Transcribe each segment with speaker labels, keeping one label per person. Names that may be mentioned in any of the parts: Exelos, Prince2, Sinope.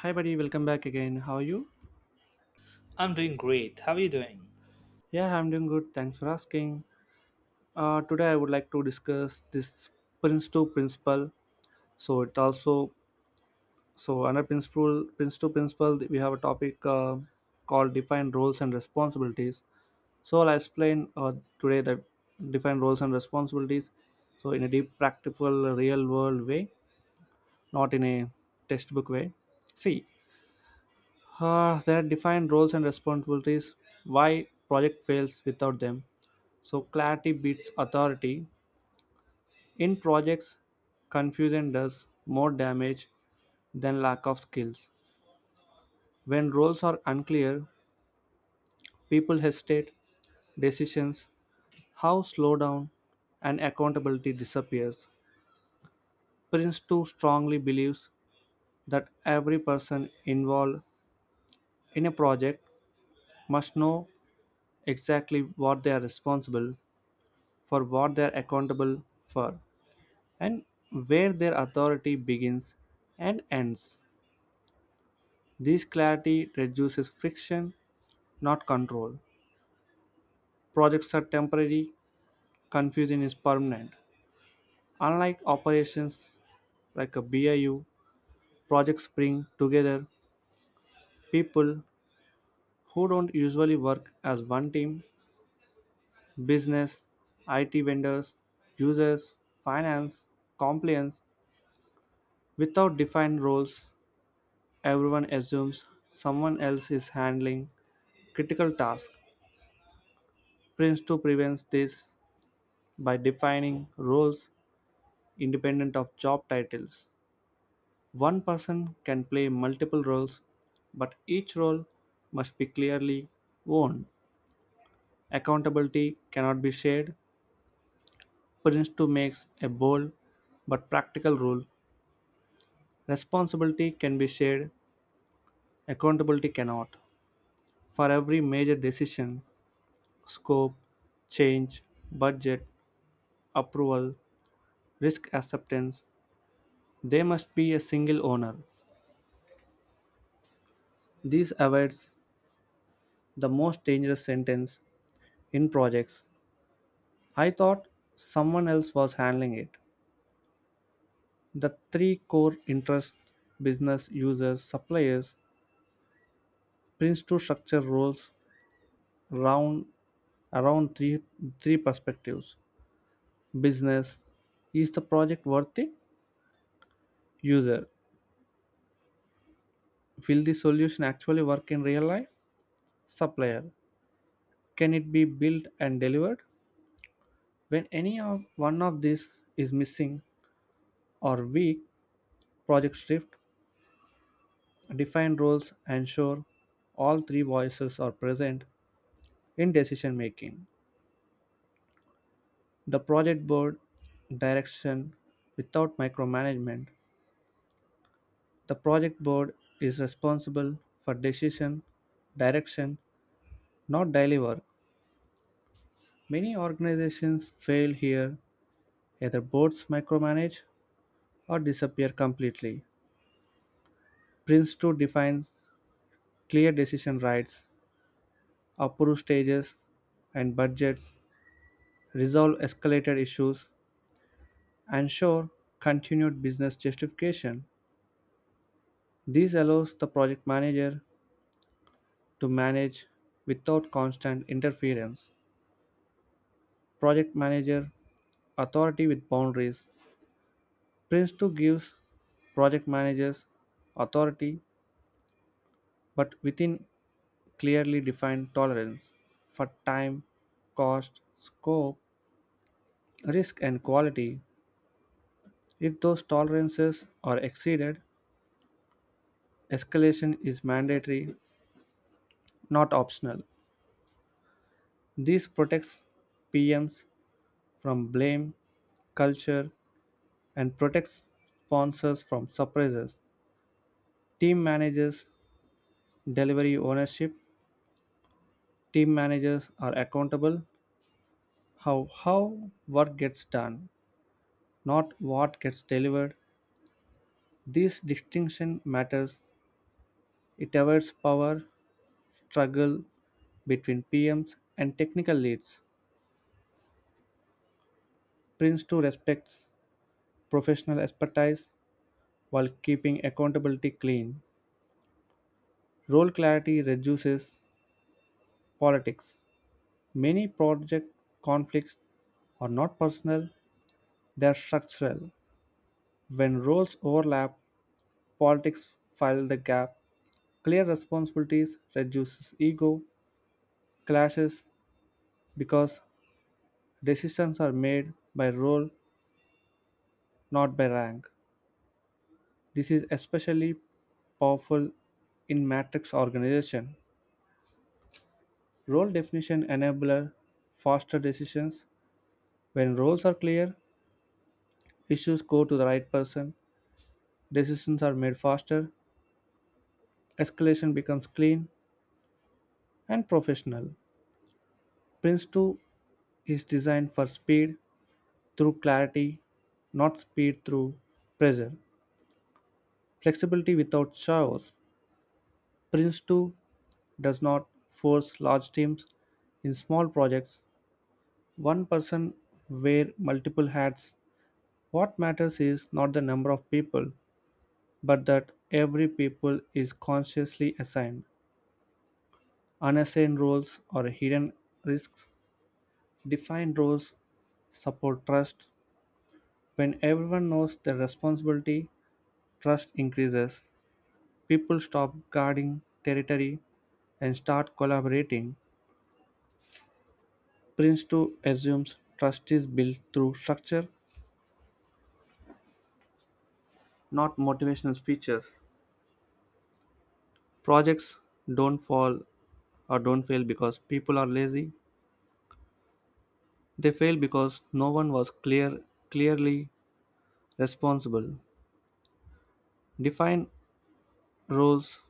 Speaker 1: Hi, buddy. Welcome back again. How are you?
Speaker 2: I'm doing great. How are you doing?
Speaker 1: Yeah, I'm doing good. Thanks for asking. Today, I would like to discuss this Prince to principle. So it also so Under principle Prince to principle, we have a topic called defined roles and responsibilities. So I'll explain today the defined roles and responsibilities. So in a deep, practical, real world way, not in a textbook way. See, there are defined roles and responsibilities. Why project fails without them? So clarity beats authority. In projects, confusion does more damage than lack of skills. When roles are unclear, people hesitate, decisions, how slow down, and accountability disappears. Prince too strongly believes that every person involved in a project must know exactly what they are responsible for, what they are accountable for, and where their authority begins and ends. This clarity reduces friction, not control. Projects are temporary, confusion is permanent. Unlike operations like a BIU, projects bring together people who don't usually work as one team, business, IT vendors, users, finance, compliance. Without defined roles, everyone assumes someone else is handling critical tasks. Prince2 prevents this by defining roles independent of job titles. One person can play multiple roles, but each role must be clearly owned. Accountability cannot be shared. Prince 2 makes a bold but practical rule. Responsibility can be shared, accountability cannot. For every major decision, scope, change, budget, approval, risk acceptance, there must be a single owner. This avoids the most dangerous sentence in projects. I thought someone else was handling it. The three core interests, business users, suppliers prints to structure roles round, around three perspectives. Business, is the project worthy? User, will the solution actually work in real life? Supplier, can it be built and delivered? When any of one of these is missing or weak, project drift. Define roles, ensure all three voices are present in decision making. The project board direction without micromanagement. The project board is responsible for decision direction, not daily work. Many organizations fail here. Either boards micromanage or disappear completely. Prince 2 defines clear decision rights, approve stages and budgets, resolve escalated issues, ensure continued business justification. This allows the project manager to manage without constant interference. Project manager authority with boundaries. Prince 2 gives project managers authority but within clearly defined tolerance for time, cost, scope, risk, and quality. If those tolerances are exceeded, escalation is mandatory, not optional. This protects PMs from blame culture and protects sponsors from surprises. Team managers delivery ownership. Team managers are accountable how work gets done, not what gets delivered. This distinction matters. It avoids power struggle between PMs and technical leads. Prince2 respects professional expertise while keeping accountability clean. Role clarity reduces politics. Many project conflicts are not personal, they are structural. When roles overlap, politics fill the gap. Clear responsibilities reduces ego clashes because decisions are made by role, not by rank. This is especially powerful in matrix organization. Role definition enabler faster decisions. When roles are clear, issues go to the right person. Decisions are made faster, escalation becomes clean and professional. Prince 2 is designed for speed through clarity, not speed through pressure. Flexibility without chaos. Prince 2 does not force large teams in small projects. One person wear multiple hats. What matters is not the number of people, but that every people is consciously assigned. Unassigned roles or hidden risks. Defined roles support trust. When everyone knows their responsibility, trust increases. People stop guarding territory and start collaborating. Prince 2 assumes trust is built through structure, not motivational speeches. Projects don't fall or don't fail because people are lazy. They fail because no one was clearly responsible. Define roles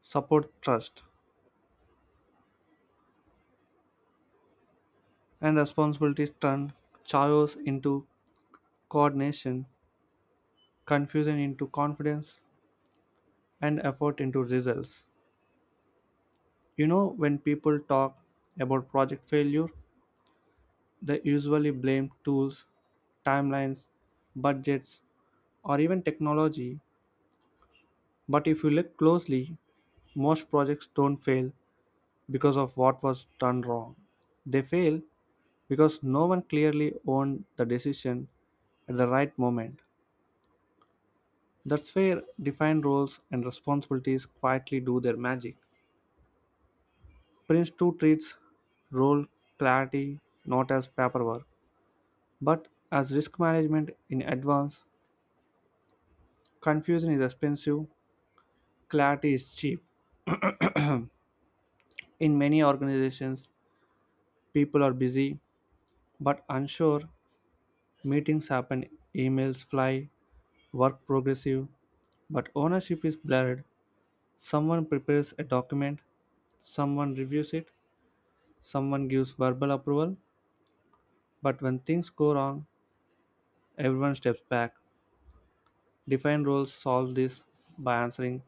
Speaker 1: support trust, and responsibilities turn chaos into coordination, confusion into confidence, and effort into results. You know, when people talk about project failure, they usually blame tools, timelines, budgets, or even technology. But if you look closely, most projects don't fail because of what was done wrong. They fail because no one clearly owned the decision at the right moment. That's where defined roles and responsibilities quietly do their magic. Prince 2 treats role clarity not as paperwork, but as risk management in advance. Confusion is expensive, clarity is cheap. In many organizations, people are busy but unsure, meetings happen, emails fly, work progressive, but ownership is blurred. Someone prepares a document, someone reviews it, someone gives verbal approval, but when things go wrong, everyone steps back. Defined roles solve this by answering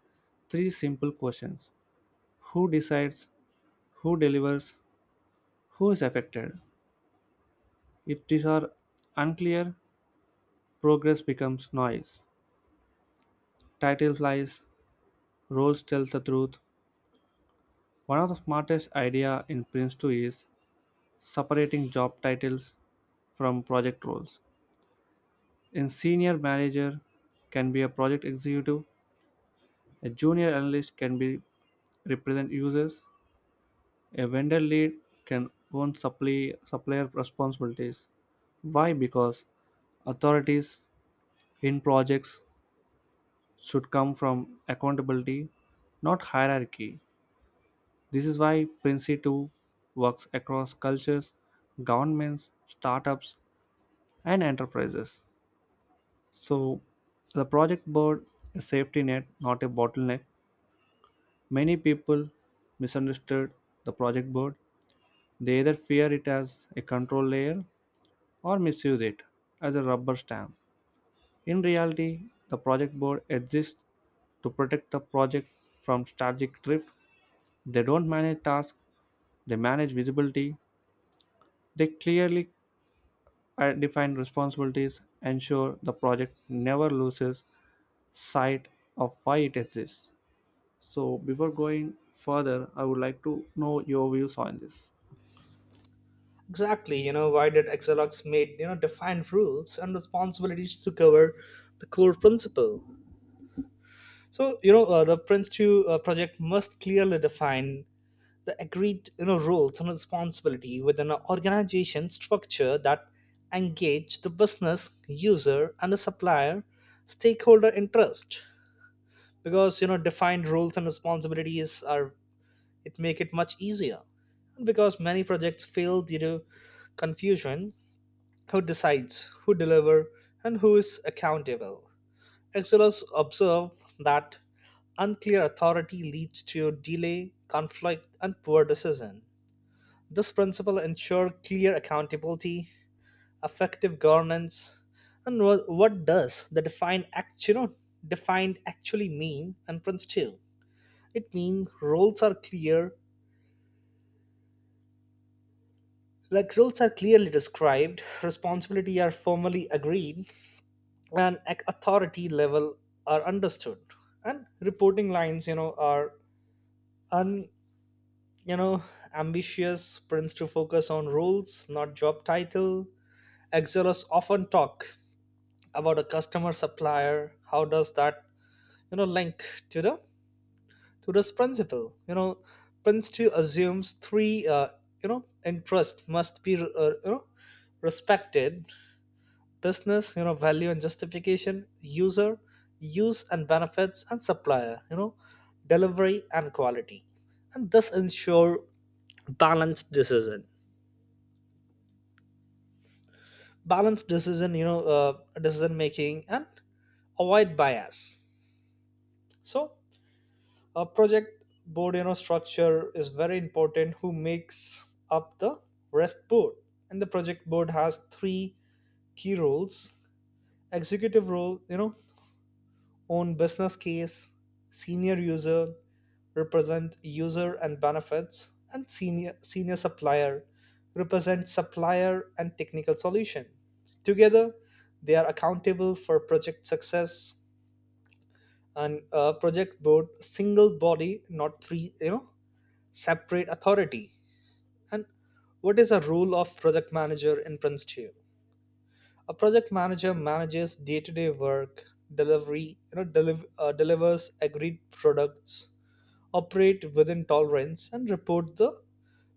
Speaker 1: three simple questions. Who decides? Who delivers? Who is affected? If these are unclear, progress becomes noise. Titles lies, roles tell the truth. One of the smartest idea in Prince 2 is separating job titles from project roles. A senior manager can be a project executive, a junior analyst can be represent users, a vendor lead can own supplier responsibilities. Why? Because authorities in projects should come from accountability, not hierarchy. This is why Princi 2 works across cultures, governments, startups, and enterprises. So, the project board is a safety net, not a bottleneck. Many people misunderstood the project board. They either fear it as a control layer or misuse it as a rubber stamp. In reality, the project board exists to protect the project from strategic drift. They don't manage tasks, they manage visibility. They clearly define responsibilities, ensure the project never loses sight of why it exists. So, before going further, I would like to know your views on this.
Speaker 2: Exactly, you know, why did Exelux made, you know, defined rules and responsibilities to cover the core principle? So, you know, the Prince2 project must clearly define the agreed, you know, roles and responsibility within an organization structure that engage the business, user, and the supplier stakeholder interest. Because, you know, defined roles and responsibilities are, it make it much easier, and because many projects fail due to confusion, who decides, who deliver, and who is accountable. Excellers observe that unclear authority leads to delay, conflict, and poor decision. This principle ensure clear accountability, effective governance. And what does the defined act, you know, defined actually mean? And prince too, it means roles are clear. Like roles are clearly described, responsibility are formally agreed, and authority level are understood. And reporting lines, you know, are un, you know, ambitious. Prince to focus on roles, not job title. Exelos often talk about a customer supplier. How does that, you know, link to the to this principle? You know, prince to assumes three, you know, interest must be, you know, respected: business, you know, value and justification; user, use and benefits; and supplier, you know, delivery and quality. And this ensure balanced decision, you know, decision making, and avoid bias. So a project board, you know, structure is very important. Who makes up the rest board? And the project board has three key roles. Executive role, you know, own business case. Senior user, represent user and benefits. And senior supplier, represent supplier and technical solution. Together, they are accountable for project success. And project board single body, not three, you know, separate authority. And what is the role of project manager in Prince 2? A project manager manages day-to-day work, delivery, you know, delivers agreed products, operate within tolerance, and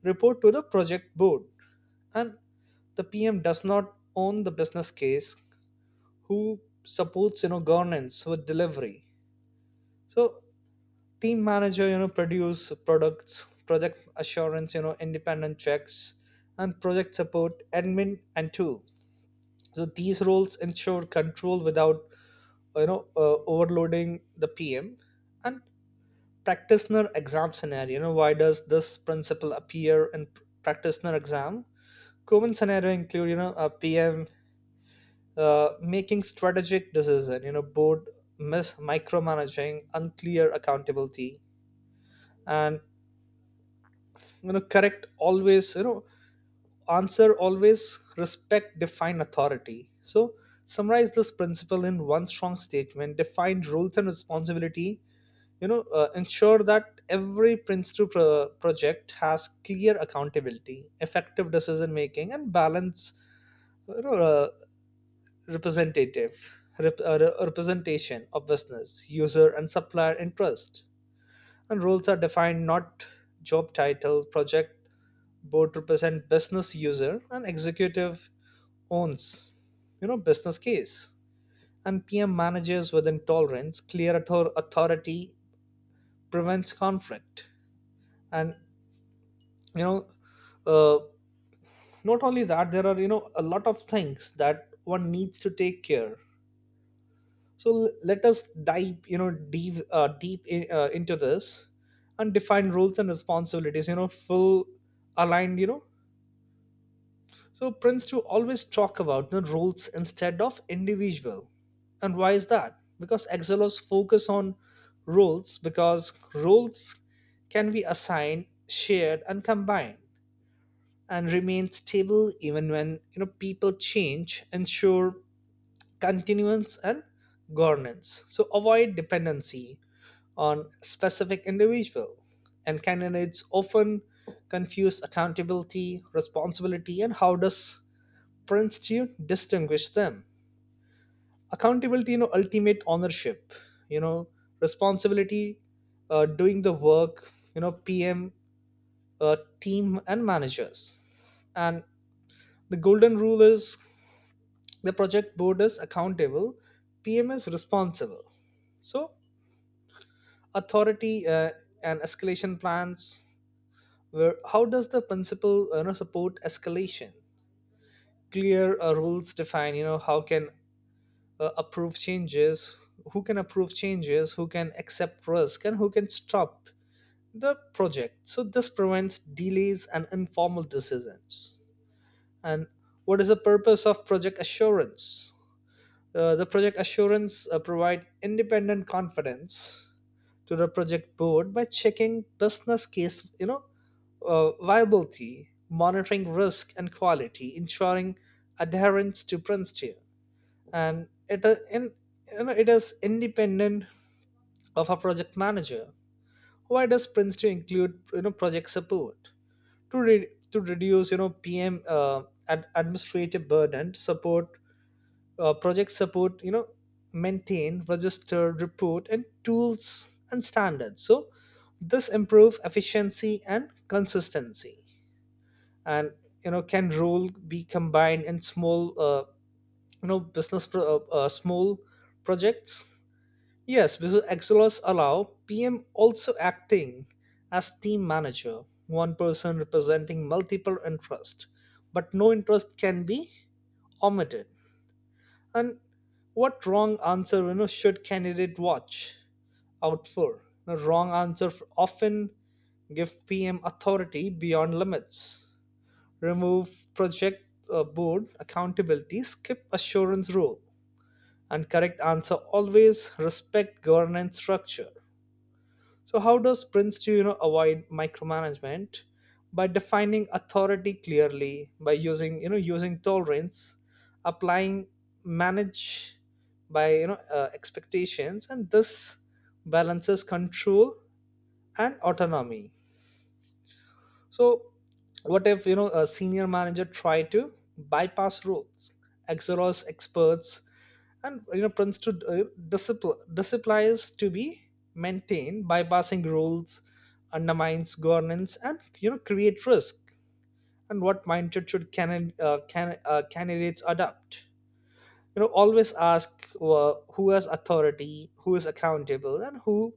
Speaker 2: report to the project board. And the PM does not own the business case, who supports, you know, governance with delivery. So team manager, you know, produce products. Project assurance, you know, independent checks. And project support, admin and two. So these roles ensure control without, you know, overloading the PM. And practitioner exam scenario, you know, why does this principle appear in practitioner exam? Common scenario include, you know, a PM making strategic decision, you know, board micromanaging, unclear accountability. And, you know, correct always, you know, answer always respect define authority. So summarize this principle in one strong statement: define roles and responsibility, you know, ensure that every prince 2 project has clear accountability, effective decision making, and balance, you know, representative, representation of business, user, and supplier interest. And roles are defined, not job title. Project board represent business user, and executive owns, you know, business case. And PM manages with intolerance, clear authority, prevents conflict, and you know. Uh, Not only that, there are, you know, a lot of things that one needs to take care. So let us dive, you know, deep in, into this, and define roles and responsibilities, you know, full aligned, you know. So prince to always talk about the roles instead of individual. And why is that? Because exelos focus on roles, because roles can be assigned, shared, and combined, and remain stable even when, you know, people change, ensure continuance and governance, so avoid dependency on specific individual. And candidates often confuse accountability, responsibility, and how does princeton distinguish them? Accountability, you know, ultimate ownership, you know. Responsibility, doing the work, you know, PM, team and managers. And the golden rule is, the project board is accountable, PM is responsible. So authority, and escalation plans, where, how does the principle, you know, support escalation? Clear, rules define, you know, how can, approve changes, who can approve changes, who can accept risk, and who can stop the project. So this prevents delays and informal decisions. And what is the purpose of project assurance? The project assurance provide independent confidence to the project board by checking business case, you know, viability, monitoring risk and quality, ensuring adherence to principle, and you know, it is independent of a project manager. Why does Prince to include, you know, project support? To reduce, you know, PM, administrative burden. To support, project support, you know, maintain register, report, and tools and standards. So this improve efficiency and consistency. And, you know, can role be combined in small, you know, business small projects? Yes, because excelos allow PM also acting as team manager, one person representing multiple interest, but no interest can be omitted. And what wrong answer, you know, should candidate watch out for? The wrong answer often give PM authority beyond limits, remove project, board accountability, skip assurance rule, and correct answer always respect governance structure. So how does Prince to, you know, avoid micromanagement? By defining authority clearly, by using you know using tolerance, applying manage by, you know, expectations, and this balances control and autonomy. So what if, you know, a senior manager try to bypass rules, exhaust experts, and, you know, prince to disciplines to be maintained? Bypassing rules undermines governance and, you know, create risk. And what mindset should candidates adopt? You know, always ask, who has authority, who is accountable, and who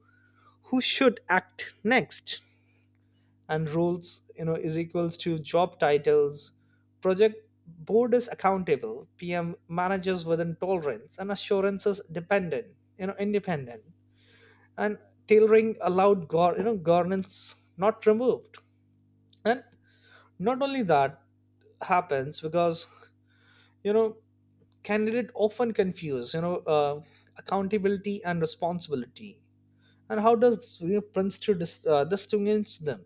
Speaker 2: who should act next. And roles, you know, is equals to job titles. Project board is accountable, PM manages within tolerance, and assurance is dependent, you know, independent. And tailoring allowed, you know, governance not removed. And not only that, happens because, you know, candidate often confuse, you know, accountability and responsibility. And how does, you know, prince to distinguish them?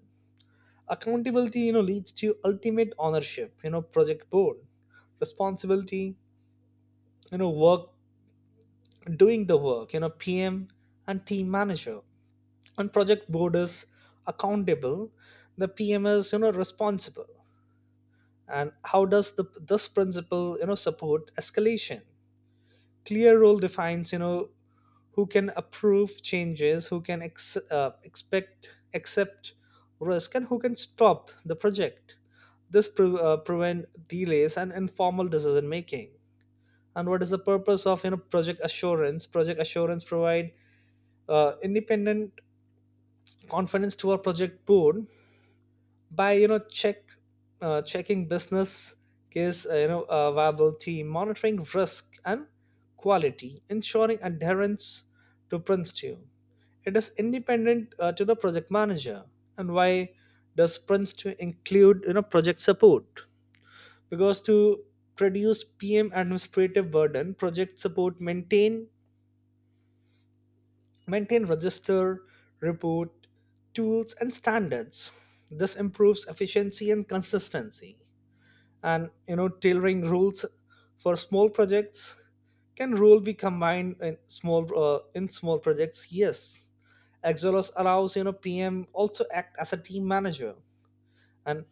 Speaker 2: Accountability, you know, leads to ultimate ownership, you know, project board. Responsibility, you know, work doing the work, you know, PM and team manager. And project board is accountable, the PM is, you know, responsible. And how does the this principle, you know, support escalation? Clear role defines, you know, who can approve changes, who can ex- expect accept risk, and who can stop the project. This prevent delays and informal decision making. And what is the purpose of, you know, project assurance? Project assurance provide independent confidence to our project board by, you know, checking business case, you know, viability, monitoring risk and quality, ensuring adherence to principle. It is independent to the project manager. And why does Prince to include, you know, project support? Because to produce PM administrative burden, project support maintain register, report, tools, and standards. This improves efficiency and consistency. And, you know, tailoring rules for small projects. Can rule be combined in small projects? Yes, exolos allows, you know, PM also act as a team manager. And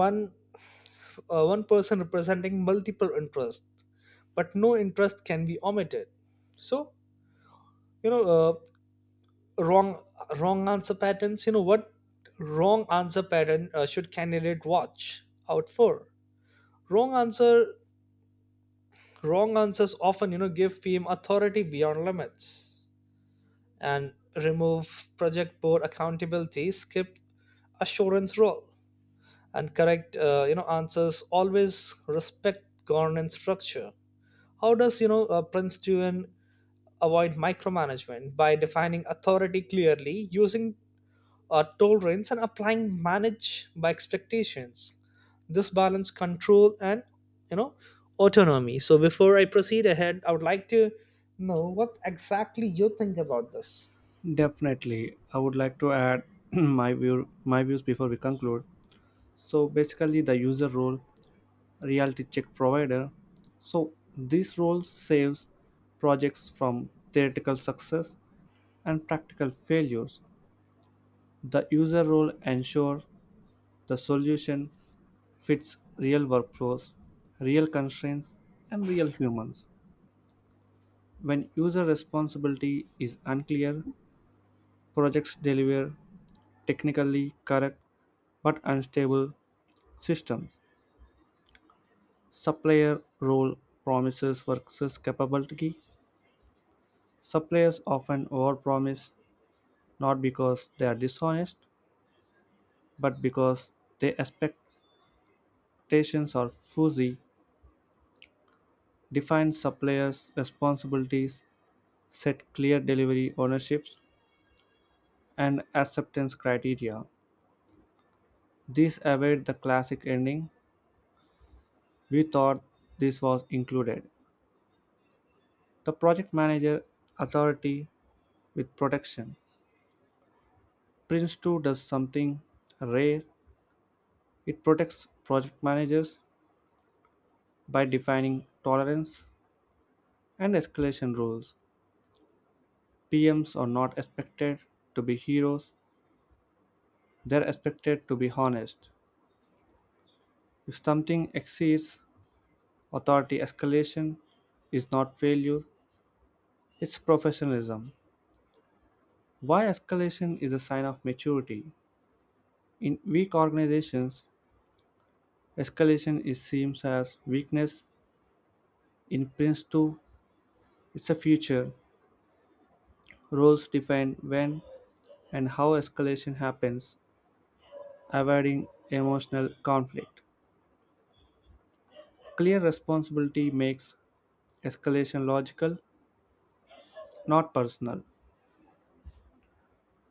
Speaker 2: one one person representing multiple interests, but no interest can be omitted. So, you know, wrong, wrong answer patterns you know what wrong answer pattern should candidate watch out for? wrong answer Wrong answers often, you know, give PM authority beyond limits and remove project board accountability, skip assurance role, and correct, you know, answers always respect governance structure. How does, you know, Princeton avoid micromanagement? By defining authority clearly, using tolerance and applying manage by expectations. This balance control and, you know, autonomy. So before I proceed ahead, I would like to know what exactly you think about this.
Speaker 1: Definitely, I would like to add my views before we conclude. So basically, the user role reality check provider. So this role saves projects from theoretical success and practical failures. The user role ensures the solution fits real workflows, real constraints, and real humans. When user responsibility is unclear, projects deliver technically correct but unstable systems. Supplier role promises versus capability. Suppliers often overpromise not because they are dishonest, but because their expectations are fuzzy, define suppliers' responsibilities, set clear delivery ownerships, and acceptance criteria. These avoid the classic ending. We thought this was included. The project manager authority with protection. Prince 2 does something rare. It protects project managers by defining tolerance and escalation rules. PMs are not expected to be heroes, they're expected to be honest. If something exceeds authority, escalation is not failure, it's professionalism. Why escalation is a sign of maturity. In weak organizations, escalation is seen as weakness. In Prince 2, it's a future. Roles define when and how escalation happens, avoiding emotional conflict. Clear responsibility makes escalation logical not personal.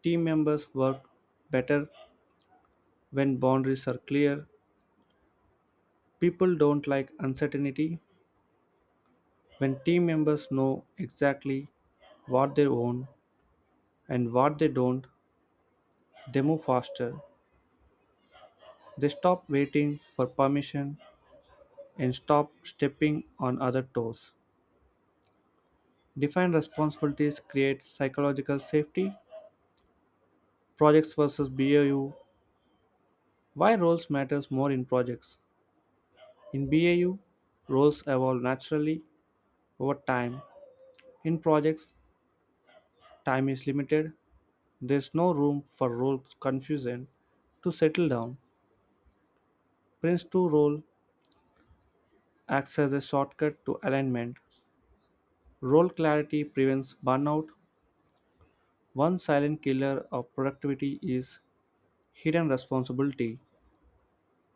Speaker 1: Team members work better when boundaries are clear. People don't like uncertainty. When team members know exactly what they own and what they don't, they move faster. They stop waiting for permission and stop stepping on other toes. Defined responsibilities create psychological safety. Projects versus BAU. Why roles matters more in projects? In BAU, roles evolve naturally over time. In projects, time is limited. There's no room for role confusion. To settle down, Prince 2 role acts as a shortcut to alignment. Role clarity prevents burnout. One silent killer of productivity is hidden responsibility.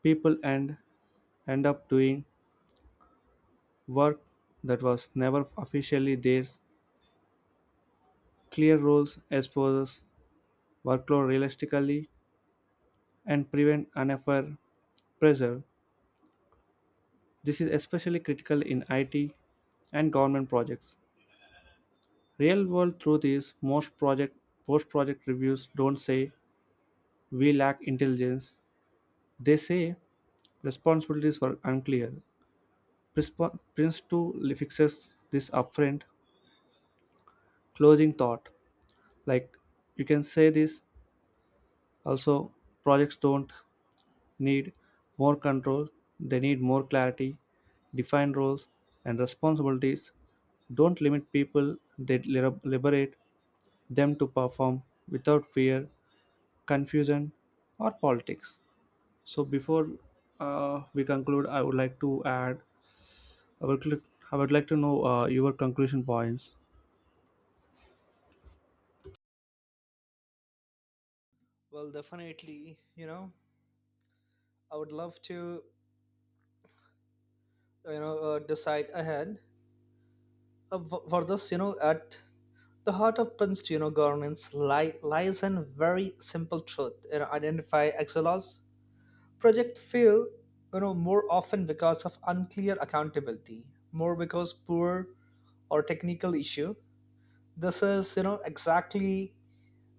Speaker 1: People end, End up doing work that was never officially theirs. Clear roles exposes workload realistically and prevent unfair pressure. This is especially critical in IT and government projects. Real world truth is most project post project reviews don't say we lack intelligence. They say responsibilities were unclear. Prince 2 fixes this upfront closing thought. Like you can say this also projects don't need more control, they need more clarity, defined roles and responsibilities. Don't limit people, they liberate them to perform without fear, confusion, or politics. So before we conclude, I would like to add, I would, like- I would like to know your conclusion points.
Speaker 2: Well, definitely, you know, I would love to, you know, decide ahead for this. You know, at the heart of prince, you know, governance lies in very simple truth, you know, identify excellence. Projects fail, you know, more often because of unclear accountability, more because poor or technical issue. This is, you know, exactly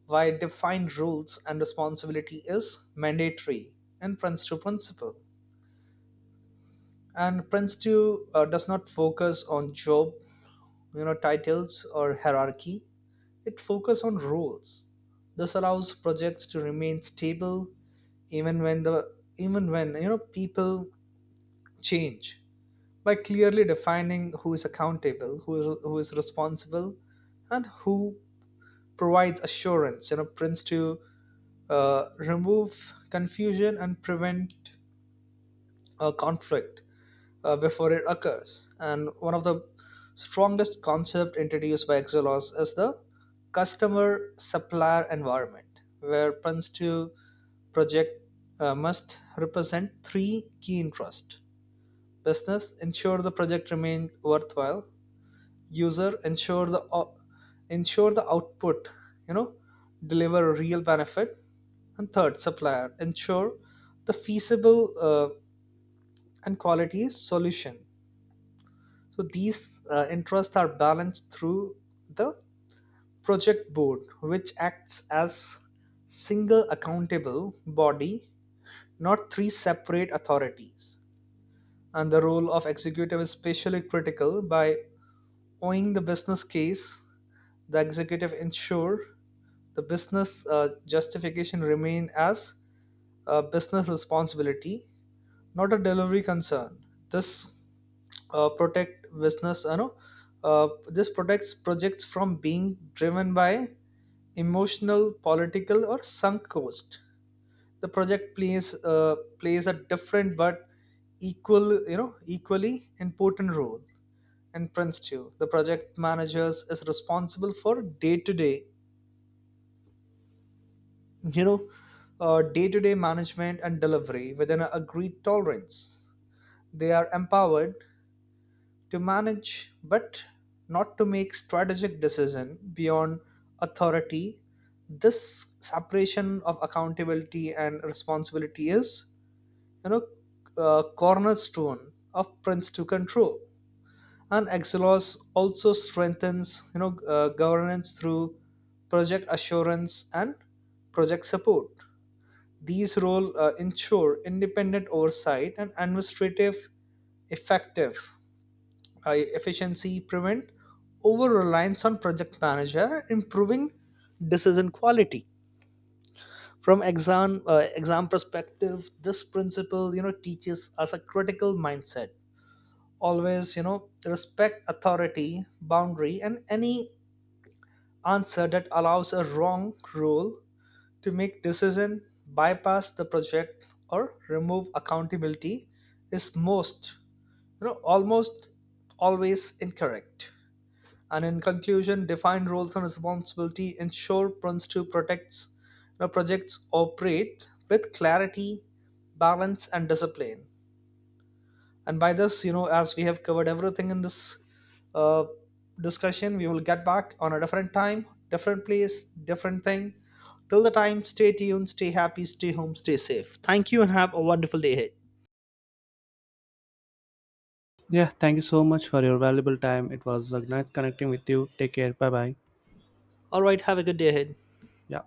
Speaker 2: why defined rules and responsibility is mandatory in Prince 2 principle. And Prince 2, does not focus on job, you know, titles or hierarchy. It focuses on rules. This allows projects to remain stable even when the even when, you know, people change, by clearly defining who is accountable, who is responsible, and who provides assurance. You know, Prince to remove confusion and prevent conflict before it occurs. And one of the strongest concept introduced by Exelos is the customer supplier environment, where Prince to project must represent three key interests: business, ensure the project remains worthwhile; user, ensure the output, you know, deliver a real benefit; and third, supplier, ensure the feasible, and quality solution. So these, interests are balanced through the project board, which acts as single accountable body, not three separate authorities. And the role of executive is especially critical. By owning the business case, the executive ensure the business, justification remain as a business responsibility, not a delivery concern. This, protect business you know this protects projects from being driven by emotional, political, or sunk cost. The project plays a different but equal, you know, equally important role in prince 2. The project managers is responsible for day to day you know day-to-day management and delivery within an agreed tolerance. They are empowered to manage, but not to make strategic decision beyond authority. This separation of accountability and responsibility is, you know, cornerstone of prince to control. And Exelos also strengthens, you know, governance through project assurance and project support. These roles ensure independent oversight and administrative effective, efficiency, prevent over reliance on project manager, improving decision quality. From exam perspective, this principle, you know, teaches us a critical mindset. Always, you know, respect authority, boundary, and any answer that allows a wrong rule to make decision, bypass the project, or remove accountability is most, you know, almost always incorrect. And in conclusion, define roles and responsibility ensure prince 2 protects, you know, projects operate with clarity, balance, and discipline. And by this, you know, as we have covered everything in this, uh, discussion, we will get back on a different time, different place, different thing. Till the time, stay tuned, stay happy, stay home, stay safe. Thank you, and have a wonderful day ahead.
Speaker 1: Yeah, thank you so much for your valuable time. It was a nice connecting with you. Take care. Bye bye.
Speaker 2: All right, have a good day ahead.
Speaker 1: Yeah.